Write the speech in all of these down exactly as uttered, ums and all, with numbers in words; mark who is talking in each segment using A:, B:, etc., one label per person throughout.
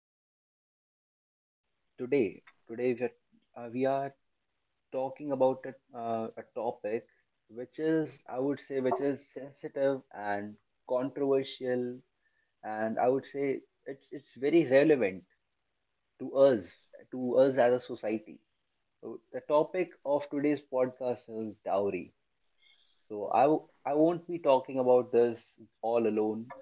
A: And you know, today, today we are, uh, we are talking about a, uh, a topic which is, I would say, which is sensitive and controversial, and I would say it's it's very relevant to us, to us as a society. So the topic of today's podcast is dowry. So I, w- I won't be talking about this all alone.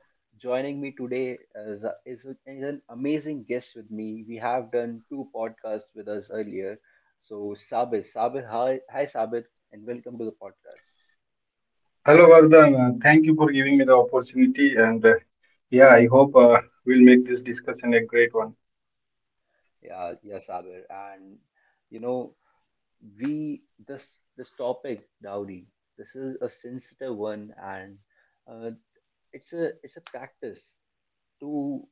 A: Joining me today is, is, is an amazing guest with me. We have done two podcasts with us earlier. So Sabir, Sabir, hi, hi Sabir, and welcome to the podcast.
B: Hello, Vardhan. Uh, Thank you for giving me the opportunity. And uh, yeah, I hope uh, we'll make this discussion a great one.
A: Yeah, yeah, Sabir, and you know we this this topic dowry. This is a sensitive one, and uh, it's a it's a practice to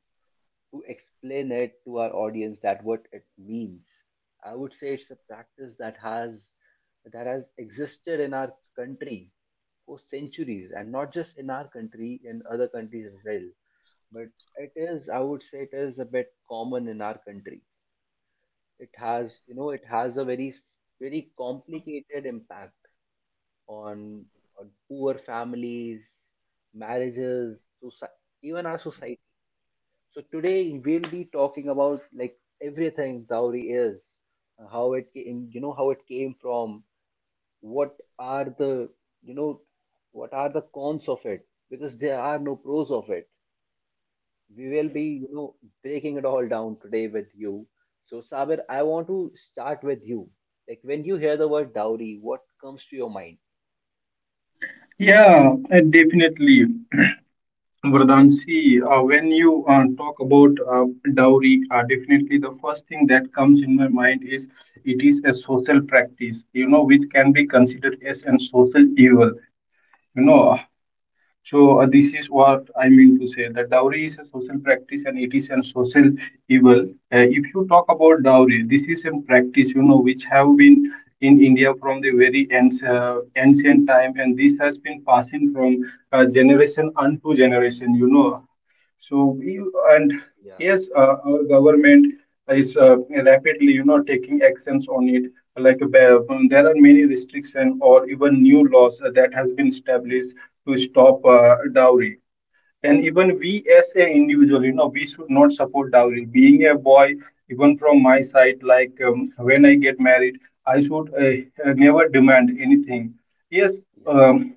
A: to explain it to our audience that what it means. I would say it's a practice that has that has existed in our country for centuries, and not just in our country, in other countries as well. But it is, I would say, it is a bit common in our country. It has, you know, it has a very very complicated impact on, on poor families, marriages, soci- even our society. So today we'll be talking about like everything dowry is, uh, how it came, you know, how it came from, what are the, you know, what are the cons of it, because there are no pros of it. We will be, you know, breaking it all down today with you. So Sabir, I want to start with you. Like when you hear the word dowry, what comes to your mind?
B: Yeah, uh, definitely. Vardhan, see, uh, when you uh, talk about uh, dowry, uh, definitely the first thing that comes in my mind is it is a social practice, you know, which can be considered as a social evil. You know, So uh, this is what I mean to say that dowry is a social practice and it is a social evil. Uh, if you talk about dowry, this is a practice you know which have been in India from the very anci- uh, ancient time, and this has been passing from uh, generation unto generation. You know so we and
A: Yeah,
B: Yes, uh, our government is uh, rapidly, you know, taking actions on it. Like uh, there are many restrictions or even new laws that has been established to stop uh, dowry. And even we as an individual, you know, we should not support dowry. Being a boy, even from my side, like um, when I get married, I should uh, uh, never demand anything. Yes,
A: yeah.
B: um,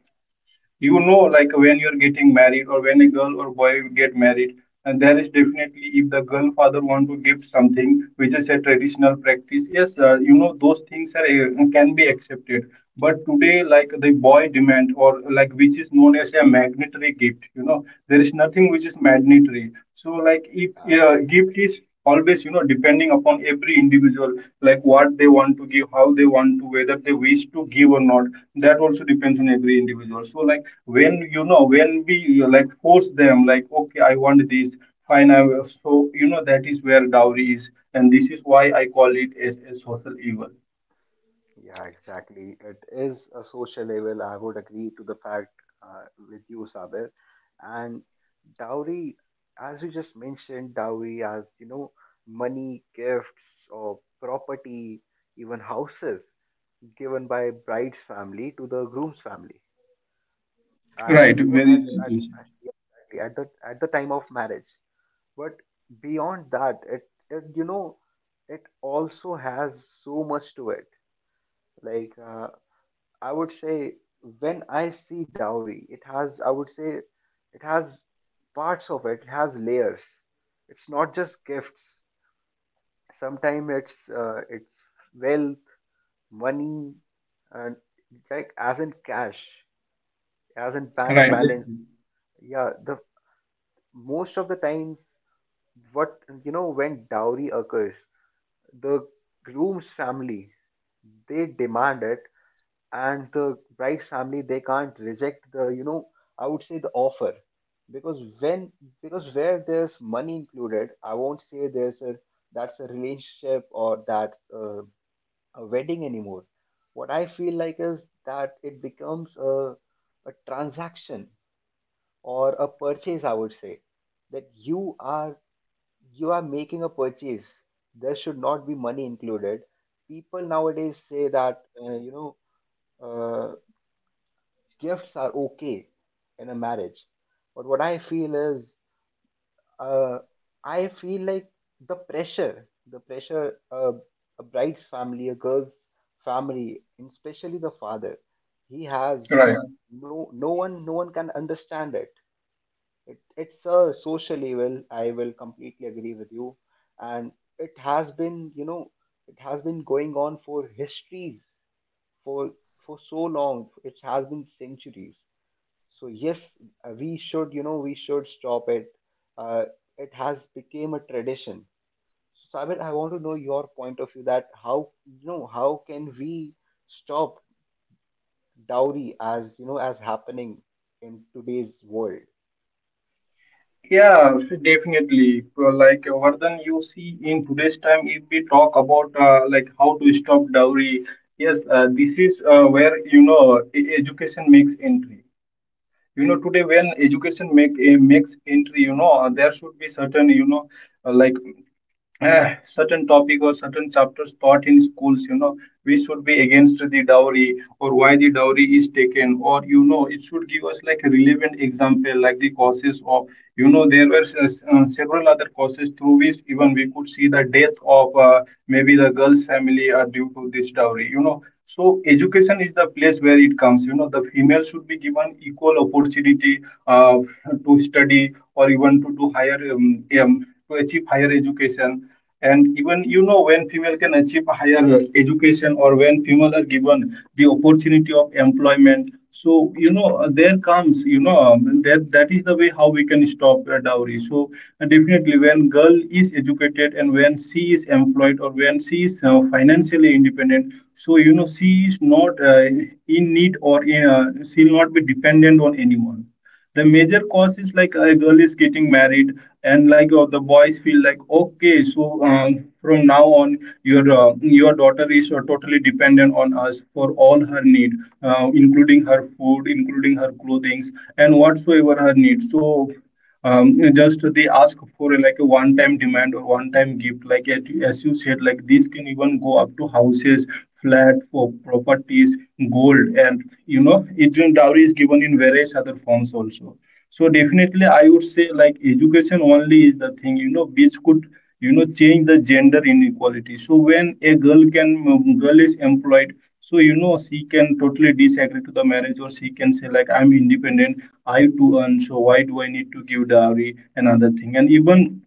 B: you know like when you're getting married or when a girl or boy get married, and there is definitely if the girl father want to give something which is a traditional practice, yes, uh, you know those things are uh, can be accepted, but today like the boy demand or like which is known as a magnetary gift, you know there is nothing which is magnetary. So like if uh, gift is always, you know, depending upon every individual, like what they want to give, how they want to, whether they wish to give or not, that also depends on every individual. So like when you know when we you like force them like, okay, I want this, fine, I will. So you know that is where dowry is, and this is why I call it as a social evil.
A: Yeah, exactly. It is a social evil. I would agree to the fact uh, with you, Sabir. And dowry, as you just mentioned, dowry as you know, money, gifts, or property, even houses given by bride's family to the groom's family at
B: Right,
A: you know at
B: very right,
A: at,
B: you said.
A: at, yeah, exactly, at the at the time of marriage. But beyond that, it it you know it also has so much to it. Like uh, I would say when I see dowry, it has, I would say, it has parts of it, it has layers. It's not just gifts. Sometimes it's uh, it's wealth, money, and like as in cash, as in bank
B: Right,
A: balance. Yeah, the most of the times, what you know when dowry occurs, the groom's family they demand it, and the bride's family they can't reject the you know I would say, the offer. Because when because where there's money included, I won't say there's a that's a relationship, or that's a, a wedding anymore. What I feel like is that it becomes a, a transaction or a purchase, I would say, that you are you are making a purchase. There should not be money included. People nowadays say that uh, you know uh gifts are okay in a marriage. But what I feel is, uh, I feel like the pressure, the pressure, uh, a bride's family, a girl's family, and especially the father, he has
B: right.
A: no no one no one can understand it, it it's a social evil, I will completely agree with you. And it has been you know it has been going on for histories for for so long. It has been centuries. So yes, uh, we should you know we should stop it. uh, it has become a tradition. So Sabir, I want to know your point of view that how you know how can we stop dowry, as you know as happening in today's world.
B: Yeah, definitely. Uh, Like uh, Vardhan, you see, in today's time, if we talk about uh, like how to stop dowry, yes, uh, this is uh, where you know e- education makes entry. You know, today when education make uh, makes entry, you know, uh, there should be certain, you know, uh, like uh, certain topic or certain chapters taught in schools. You know we should be against the dowry or why the dowry is taken, or you know it should give us like a relevant example, like the causes of, you know, there were uh, s- uh, several other causes through which even we could see the death of uh, maybe the girl's family are due to this dowry, you know. So education is the place where it comes. You know the female should be given equal opportunity uh, to study or even to do higher um, um, to achieve higher education. And even you know when female can achieve higher education, or when female are given the opportunity of employment, so you know there comes, you know, um, that that is the way how we can stop uh, dowry. So uh, definitely when girl is educated and when she is employed or when she is uh, financially independent, so you know she is not uh, in need or in, uh, she will not be dependent on anyone. The major cause is like a girl is getting married, and like uh, the boys feel like, okay, so um, from now on, your uh, your daughter is uh, totally dependent on us for all her need, uh, including her food, including her clothing and whatsoever her needs. So um, just they ask for like a one-time demand or one-time gift. Like as you said, like this can even go up to houses, flat for properties, gold, and you know, it dowry is given in various other forms also. So definitely, I would say like education only is the thing, you know, which could, you know, change the gender inequality. So when a girl can, um, girl is employed, so you know, she can totally disagree to the marriage, or she can say like, I'm independent, I have to earn, so why do I need to give dowry and other thing? And even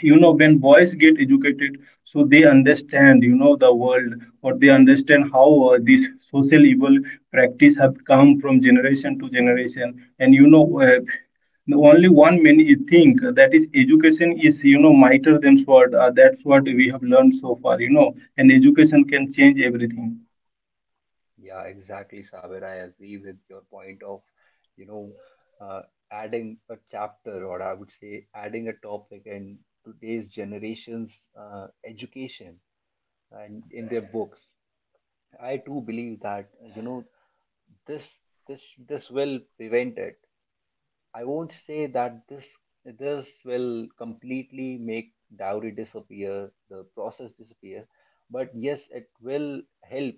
B: you know when boys get educated, so they understand, you know, the world, or they understand how uh, this social evil practice have come from generation to generation. And you know uh, the only one many think that is education is you know mightier than sword, uh, that's what we have learned so far, you know, and education can change everything.
A: Yeah, exactly, Sabir. I agree with your point of, you know, uh, adding a chapter, or I would say adding a topic in today's generation's uh, education and in their books. I too believe that you know this this this will prevent it. I won't say that this this will completely make dowry disappear, the process disappear, but yes, it will help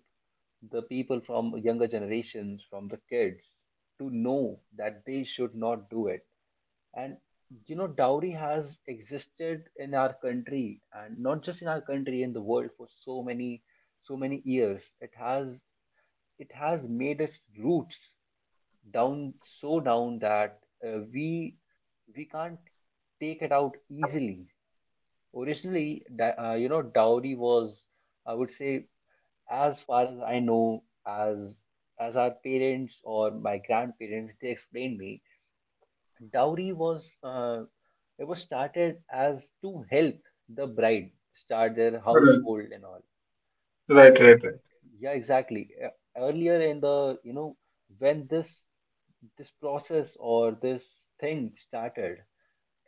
A: the people from younger generations, from the kids, to know that they should not do it. And you know, dowry has existed in our country, and not just in our country, in the world for so many, so many years. It has it has made its roots down, so down that uh, we we can't take it out easily. Originally, da- uh, you know, dowry was, I would say, as far as I know, as as our parents or my grandparents they explained me, dowry was uh, it was started as to help the bride start their
B: Right,
A: household, and all
B: right,
A: it-
B: right,
A: yeah, exactly. Uh, Earlier in the, you know, when this this process or this thing started,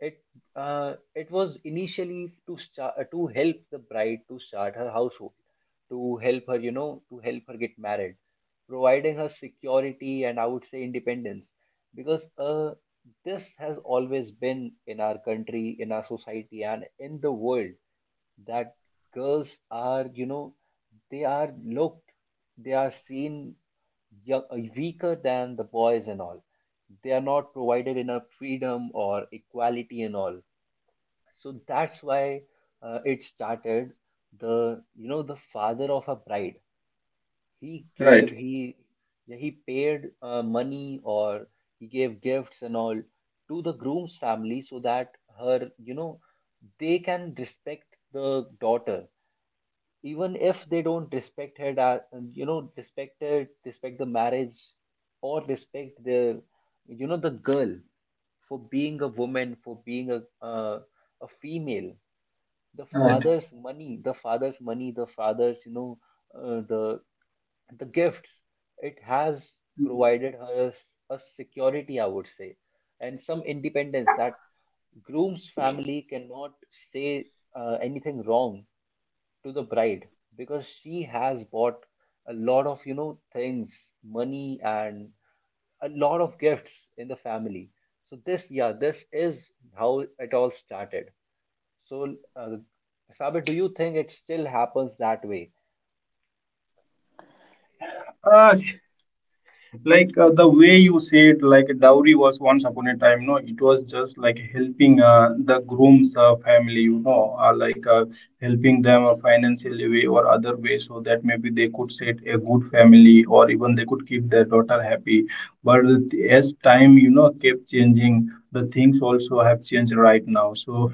A: it uh, it was initially to start to help the bride to start her household, to help her, you know, to help her get married, providing her security and, I would say, independence. Because uh, this has always been in our country, in our society, and in the world that girls are, you know, they are looked, they are seen yo- weaker than the boys and all. They are not provided enough freedom or equality and all. So that's why uh, it started. The you know the father of a bride, he gave
B: right,
A: he yeah, he paid uh, money, or he gave gifts and all to the groom's family, so that her you know they can respect the daughter. Even if they don't respect her da- you know respect her respect the marriage, or respect the you know the girl, for being a woman, for being a uh, a female. The
B: right. Right.
A: father's money, the father's money, the father's you know uh, the the gifts, it has provided her s- a security, I would say, and some independence, that groom's family cannot say uh, anything wrong to the bride, because she has bought a lot of you know things, money, and a lot of gifts in the family. So this yeah, this is how it all started. So uh, Sabir, do you think it still happens that way?
B: Uh, Like uh, the way you said, like dowry was once upon a time, no, it was just like helping uh, the groom's uh, family, you know, uh, like uh, helping them uh, financially way or other way, so that maybe they could set a good family or even they could keep their daughter happy. But as time, you know, kept changing, the things also have changed right now. So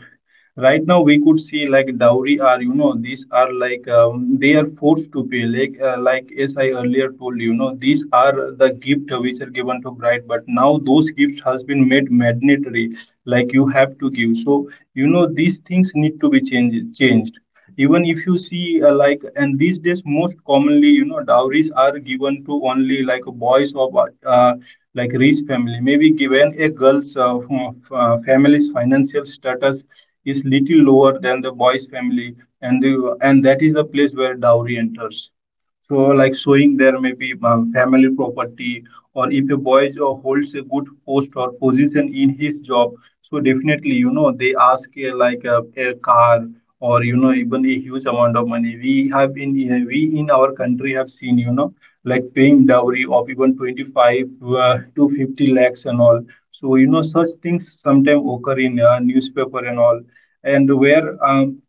B: right now we could see like dowry are, you know, these are like um, they are forced to pay, like uh, like as I earlier told you, you know these are the gift which are given to bride, but now those gifts has been made mandatory, like you have to give. So you know these things need to be changed changed. Even if you see uh, like and these days most commonly, you know, dowries are given to only like boys, or uh, like rich family maybe given a girl's uh, uh, family's financial status is little lower than the boy's family, and the, and that is the place where dowry enters. So like showing there may be uh, family property, or if a boy uh, holds a good post or position in his job, so definitely you know they ask uh, like a, a car, or you know even a huge amount of money. We have in uh, we in our country have seen, you know, like paying dowry of even twenty-five uh, to fifty lakhs and all. So you know such things sometimes occur in uh, newspaper and all. And where um,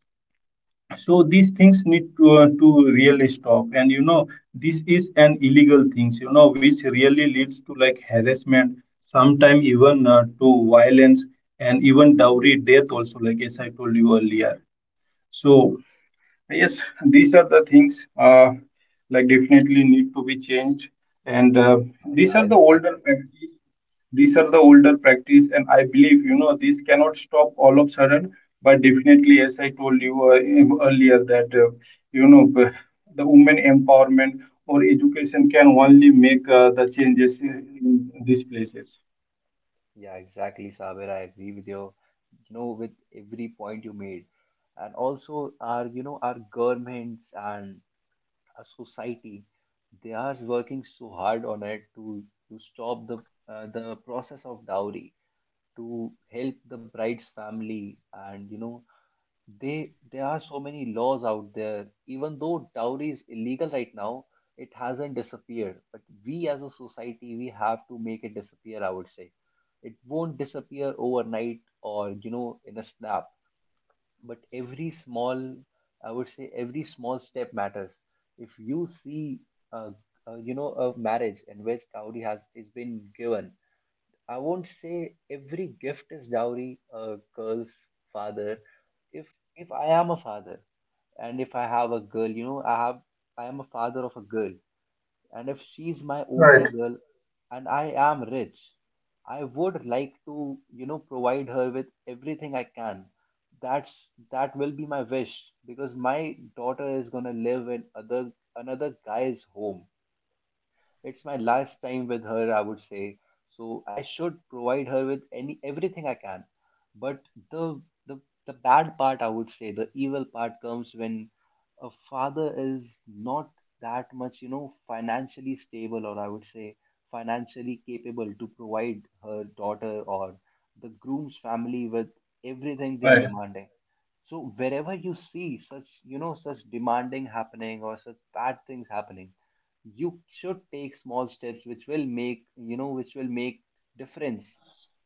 B: So these things need to, uh, to really stop, and you know this is an illegal things, you know, which really leads to like harassment, sometime even uh, to violence, and even dowry death also, like as I told you earlier. So yes, these are the things uh, like definitely need to be changed, and uh,
A: uh,
B: these
A: Yeah,
B: are the older
A: exactly.
B: practice these are the older practice, and I believe you know this cannot stop all of sudden. But definitely as I told you uh, earlier that uh, you know b- the women empowerment or education can only make uh, the changes in in these places.
A: Yeah, exactly, Sabir, I agree with you. You know with every point you made. And also, our you know our governments and a society, they are working so hard on it to to stop the uh, the process of dowry, to help the bride's family. And you know they there are so many laws out there. Even though dowry is illegal right now, it hasn't disappeared, but we as a society we have to make it disappear, I would say. It won't disappear overnight, or, you know in a snap. But every small, I would say every small, step matters. If you see uh, uh, you know a marriage in which dowry has is been given, I won't say every gift is dowry. A girl's father, if if I am a father, and if I have a girl, you know i have I am a father of a girl, and if she's my only
B: Right.
A: girl, and I am rich, I would like to, you know, provide her with everything I can. That's that will be my wish, because my daughter is gonna live in other another guy's home. It's my last time with her, I would say. So I should provide her with any everything I can. But the the the bad part, I would say, the evil part comes when a father is not that much, you know, financially stable, or I would say financially capable, to provide her daughter or the groom's family with everything they are
B: Right.
A: demanding. So wherever you see such, you know, such demanding happening, or such bad things happening, you should take small steps, which will make you know which will make difference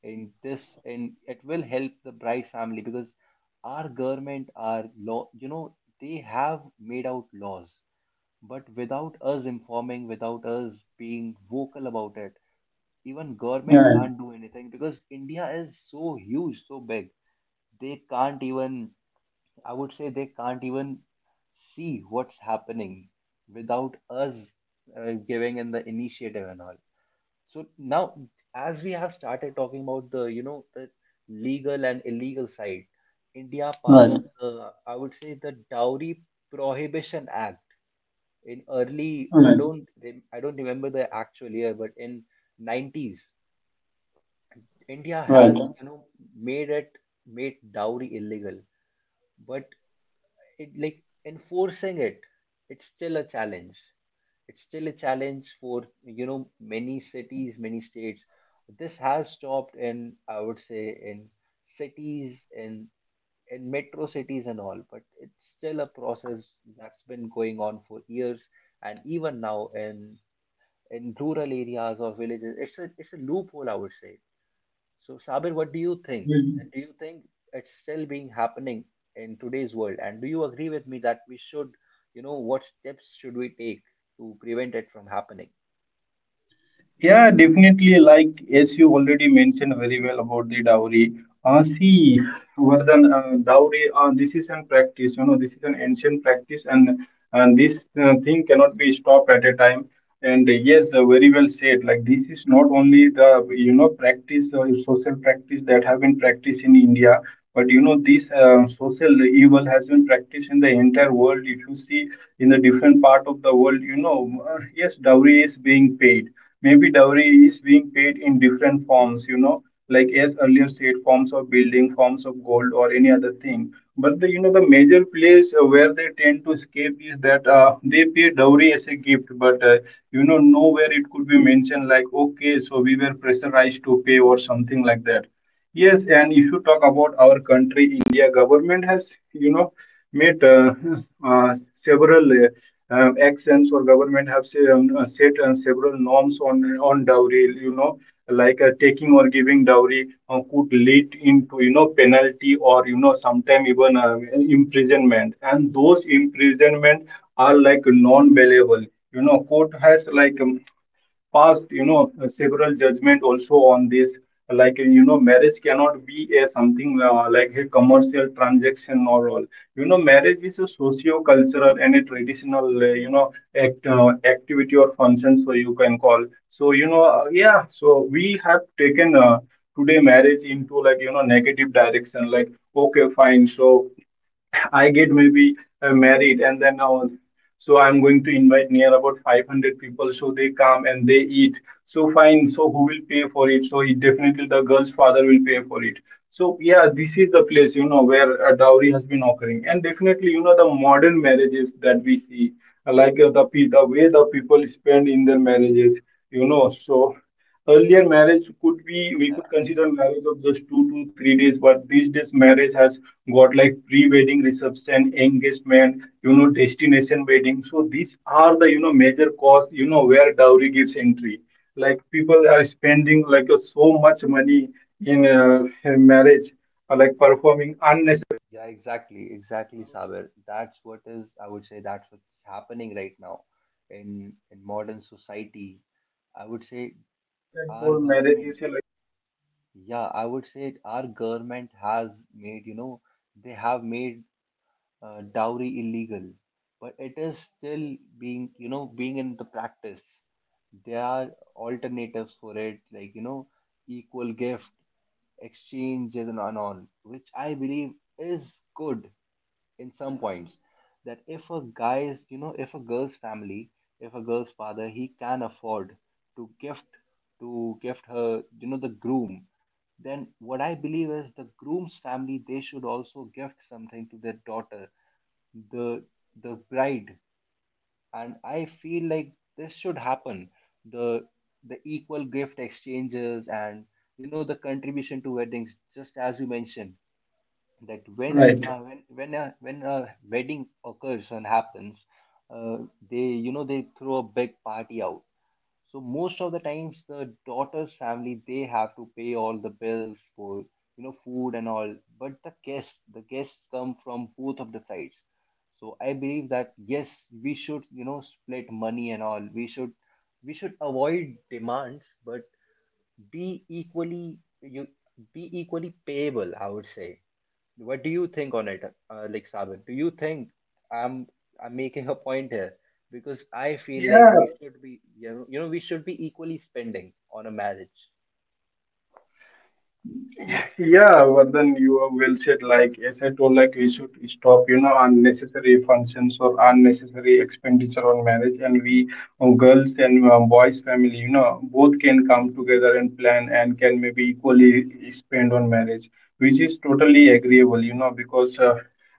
A: in this, and it will help the bride family. Because our government, our law, you know they have made out laws. But without us informing, without us being vocal about it, even
B: Yeah.
A: government can't do anything, because India is so huge, so big. They can't even, I would say, they can't even see what's happening, without us uh, giving in the initiative and all. So now, as we have started talking about the, you know, the legal and illegal side, India passed,
B: Right.
A: uh, I would say, the Dowry Prohibition Act in early. I don't, rem- I don't remember the actual year, but in nineties, India
B: Right.
A: has, you know, made it made dowry illegal. But it, like, enforcing it, it's still a challenge, it's still a challenge for, you know many cities, many states. This has stopped, in I would say in cities, in in metro cities and all, but it's still a process that's been going on for years. And even now in in rural areas or villages, it's a it's a loophole, I would say. So, Sabir, what do you think?
B: Right.
A: Do you think it's still being happening in today's world? And do you agree with me that we should, you know, what steps should we take to prevent it from happening?
B: Yeah, definitely. Like as you already mentioned very well about the dowry. Uh, see, Vardhan, uh, dowry. Uh, this is an practice. You know, this is an ancient practice, and and this uh, thing cannot be stopped at a time. And uh, Yes, uh, very well said. Like this is not only the, you know, practice or social practice that have been practiced in India, but you know this uh, social evil has been practiced in the entire world. If you see in the different part of the world, you know, uh, yes, dowry is being paid, maybe dowry is being paid in different forms, you know, like as earlier said, forms of building, forms of gold or any other thing. But the, you know, the major place uh, where they tend to escape is that uh, they pay dowry as a gift, but uh, you know nowhere it could be mentioned like, okay, so we were pressurized to pay or something like that. Yes, and if you talk about our country, India government has, you know, made uh, uh, several uh, actions, or government have um, uh, set uh, several norms on on dowry, you know, like uh, taking or giving dowry uh, could lead into, you know, penalty or, you know, sometime even uh, imprisonment, and those imprisonment are like non-bailable. You know court has like um, passed, you know, several judgment also on this. Like, you know, marriage cannot be a something uh, like a commercial transaction or all. You know, marriage is a socio-cultural and a traditional, uh, you know, act, uh, activity or function, so you can call. So, you know, uh, yeah, so we have taken uh, today marriage into like, you know, negative direction. Like, okay, fine. So, I get maybe uh, married and then all. So I'm going to invite near about five hundred people. So they come and they eat. So fine. So who will pay for it? So he, definitely the girl's father will pay for it. So yeah, this is the place, you know, where a dowry has been occurring. And definitely, you know, the modern marriages that we see, like uh, the, pe- the way the people spend in their marriages, you know, so Earlier marriage could be we
A: Yeah.
B: could consider marriage of just two to three days, but these days marriage has got like pre-wedding reception, engagement, you know, destination wedding. So these are the, you know, major costs, you know, where dowry gives entry. Like people are spending like uh, so much money in uh, marriage, uh, like performing.
A: Yeah, exactly, exactly, Sabir. That's what is, I would say, that's what's happening right now in in modern society. I would say our government, yeah, I would say our government has made, you know, they have made uh, dowry illegal, but it is still being, you know, being in the practice. There are alternatives for it, like, you know, equal gift exchanges. And on on which I believe is good in some points, that if a guy's, you know, if a girl's family, if a girl's father, he can afford to gift, to gift her, you know, the groom, then what I believe is the groom's family, they should also gift something to their daughter, the the bride. And I feel like this should happen, the the equal gift exchanges and, you know, the contribution to weddings, just as you mentioned, that when
B: Right.
A: uh, when when a, when a wedding occurs and happens, uh, they, you know, they throw a big party out. So most of the times the daughter's family, they have to pay all the bills for, you know, food and all, but the guests, the guests come from both of the sides. So I believe that yes, we should, you know, split money and all. We should, we should avoid demands, but be equally, you, be equally payable, I would say. What do you think on it, uh, like, Sabir? Do you think I'm I'm making a point here? Because I feel like
B: Yeah,
A: we should be, you know, you know, we should be equally spending on a marriage.
B: Yeah, but then you are well said. Like as I told, like we should stop, you know, unnecessary functions or unnecessary expenditure on marriage, and we uh, girls and uh, boys family, you know, both can come together and plan and can maybe equally spend on marriage, which is totally agreeable, you know, because uh,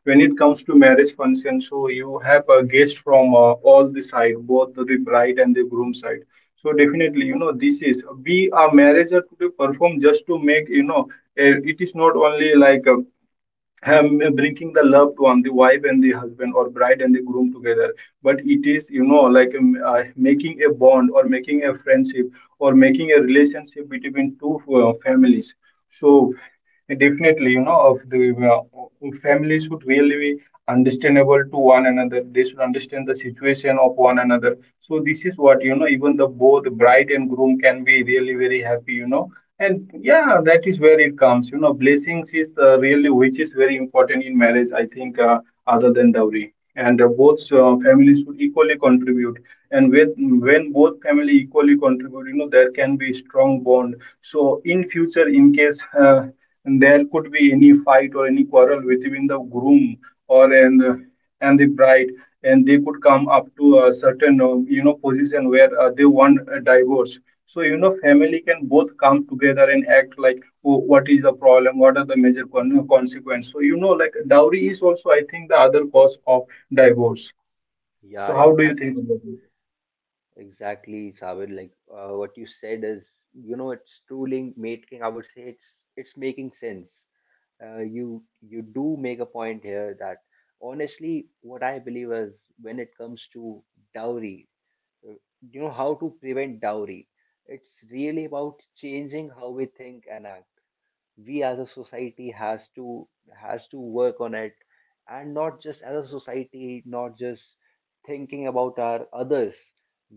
B: when it comes to marriage function, so you have a guest from uh, all the side, both the bride and the groom side. So definitely, you know, this is we are marriage are to perform just to make you know uh, it is not only like uh, um, bringing the loved one, the wife and the husband, or bride and the groom together, but it is, you know, like um, uh, making a bond or making a friendship or making a relationship between two uh, families. So, definitely, you know, of the uh, families should really be understandable to one another. They should understand the situation of one another. So, this is what, you know, even the both bride and groom can be really very happy, you know, and yeah, that is where it comes. You know, blessings is uh, really which is very important in marriage, I think, uh, other than dowry. And uh, both uh, families should equally contribute. And with, when both family equally contribute, you know, there can be strong bond. So in future, in case uh, there could be any fight or any quarrel between the groom or and uh, and the bride, and they could come up to a certain uh, you know position where uh, they want a divorce. So, you know, family can both come together and act like, oh, what is the problem? What are the major con- consequences? So, you know, like dowry is also, I think, the other cause of divorce.
A: Yeah,
B: So, how do you think
A: exactly.
B: about it?
A: Exactly, Sabir. Like, uh, what you said is, you know, it's truly making, I would say it's it's making sense. Uh, you you do make a point here that honestly, what I believe is, when it comes to dowry, uh, you know, how to prevent dowry, it's really about changing how we think and act. We as a society has to has to work on it. And not just as a society, not just thinking about our others,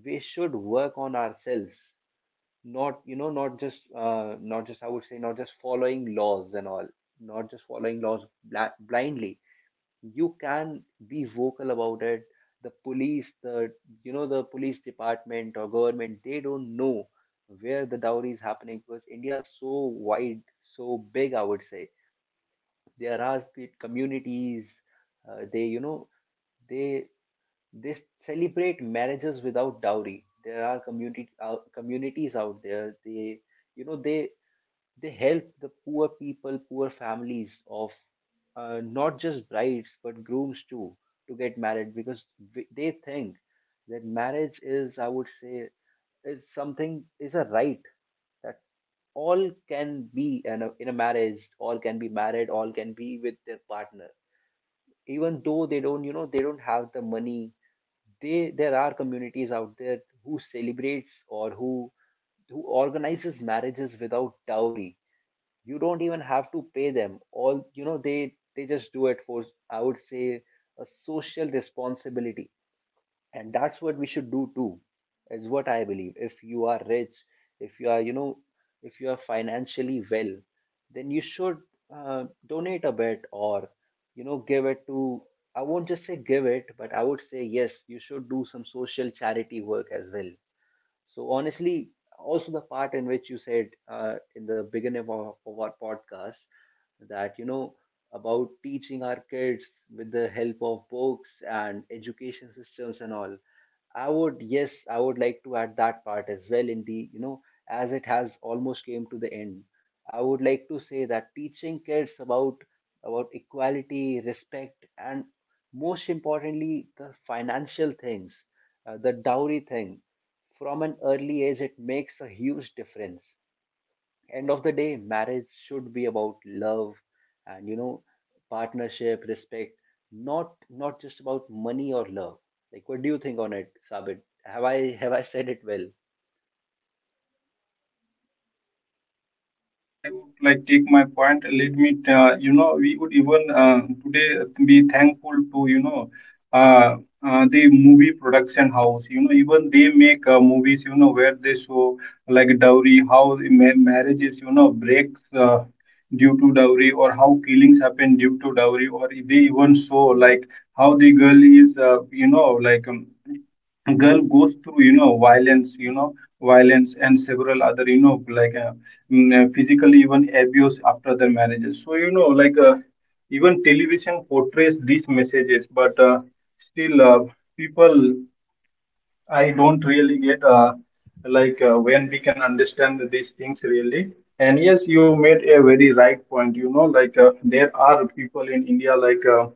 A: we should work on ourselves. Not, you know, not just uh, not just, I would say, not just following laws and all, not just following laws bla- blindly. You can be vocal about it. The police, the, you know, the police department or government, they don't know where the dowry is happening, because India is so wide, so big, I would say. There are pe- communities, uh, they, you know, they they celebrate marriages without dowry. There are community uh, communities out there, they, you know, they they help the poor people, poor families of, uh, not just brides but grooms too, to get married. Because w- they think that marriage is, I would say, is something, is a right, that all can be in a, in a marriage, all can be married, all can be with their partner. Even though they don't, you know, they don't have the money, they, there are communities out there who celebrates or who who organizes marriages without dowry. You don't even have to pay them all, you know, they they just do it for, I would say, a social responsibility. And that's what we should do too, is what I believe. If you are rich, if you are, you know, if you are financially well, then you should uh, donate a bit or, you know, give it to, I won't just say give it, but I would say yes, you should do some social charity work as well. So honestly, also the part in which you said, uh, in the beginning of, our- of our podcast, that, you know, about teaching our kids with the help of books and education systems and all. I would, yes, I would like to add that part as well in the, you know, as it has almost came to the end. I would like to say that teaching kids about about equality, respect, and most importantly the financial things, uh, the dowry thing, from an early age, it makes a huge difference. End of the day, marriage should be about love and, you know, partnership, respect, not not just about money or love. Like, what do you think on it, Sabit? Have I, have I said it well?
B: I would like take my point. Let me, uh, you know, we would even uh, today be thankful to you know uh, uh, the movie production house. You know, even they make uh, movies. You know, where they show like dowry, how the ma- marriages, you know, breaks uh, due to dowry, or how killings happen due to dowry, or they even show like how the girl is, uh, you know, like. Um, girl goes through you know violence, you know, violence and several other you know like uh, mm, uh, physically even abuse after their marriages. So you know, like uh, even television portrays these messages, but uh, still, uh, people I don't really get uh, like uh, when we can understand these things really. And yes, you made a very right point. You know, like uh, there are people in India like. Uh,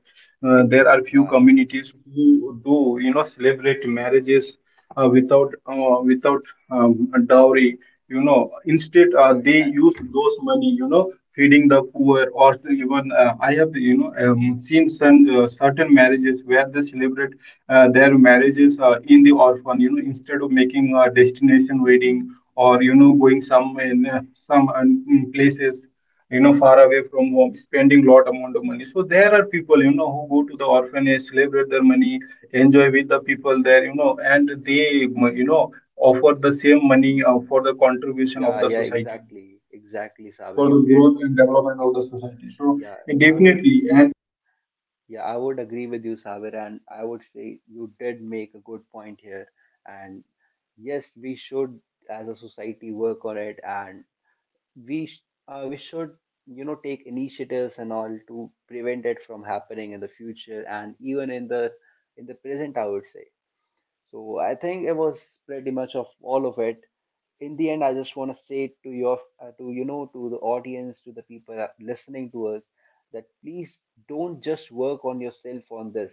B: uh, There are few
A: Yeah,
B: communities who do you know celebrate marriages uh, without uh, without um, dowry, you know, instead uh,
A: yeah,
B: they use
A: exactly.
B: those money, you know, feeding the poor, or even uh, I have you know um, seen some uh, certain marriages where they celebrate uh, their marriages uh, in the orphan, you know, instead of making a destination wedding or you know going some in uh, some uh, places, you know, far away from home spending lot amount of money. So there are people, you know, who go to the orphanage, celebrate their money, enjoy with the people there, you know, and they, you know, offer the same money uh, for the contribution of
A: Yeah,
B: the
A: yeah,
B: society,
A: exactly, exactly, Sabir.
B: for
A: You
B: the
A: did,
B: growth and
A: make- you,
B: development of the
A: you,
B: society. So
A: yeah. I would,
B: definitely,
A: yeah, I would agree with you, Sabir, and I would say you did make a good point here. And yes, we should, as a society, work on it, and we sh- uh, we should, you know, take initiatives and all to prevent it from happening in the future, and even in the, in the present, I would say. So I think it was pretty much of all of it. In the end, I just want to say to your, uh, to, you know, to the audience, to the people that are listening to us, that please don't just work on yourself on this.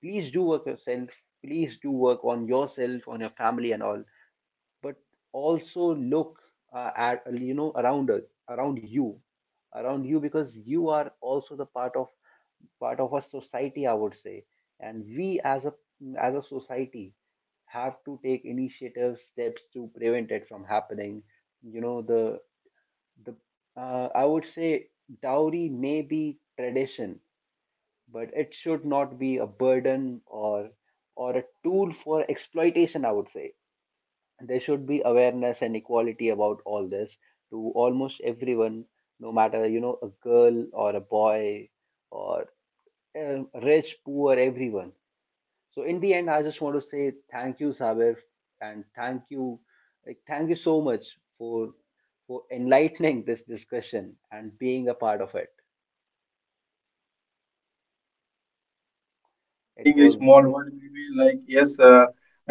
A: Please do work yourself. Please do work on yourself, on your family, and all, but also look uh, at, you know, around us, around you, around you because you are also the part of, part of a society, I would say. And we as a, as a society have to take initiative steps to prevent it from happening. You know, the, the uh, I would say, dowry may be tradition, but it should not be a burden or or a tool for exploitation, I would say. There should be awareness and equality about all this, to almost everyone, no matter, you know, a girl or a boy, or uh, rich, poor, everyone. So in the end, I just want to say thank you, Sabir, and thank you, like, thank you so much for for enlightening this discussion and being a part of it.
B: by
A: It
B: saying a
A: was,
B: small
A: yes.
B: word, we will like, yes, uh,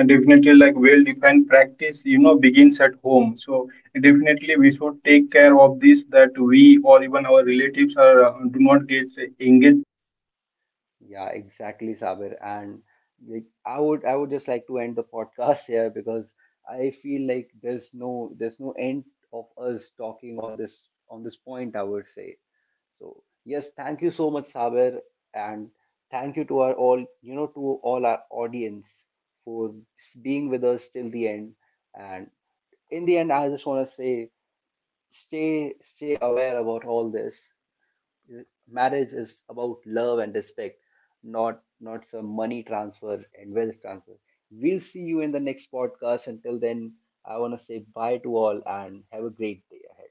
B: definitely, like well-defined practice, you know, begins at home. So definitely we should take care of this that we or even our relatives are uh, do not get engaged
A: Yeah, exactly, Sabir. And like, I would, I would just like to end the podcast here because I feel like there's no, there's no end of us talking on this, on this point, I would say. So yes, thank you so much, Sabir, and thank you to our all, you know, to all our audience for being with us till the end. And in the end, I just want to say, stay, stay aware about all this. Marriage is about love and respect, not not some money transfer and wealth transfer. We'll see you in the next podcast. Until then, I want to say bye to all and have a great day ahead.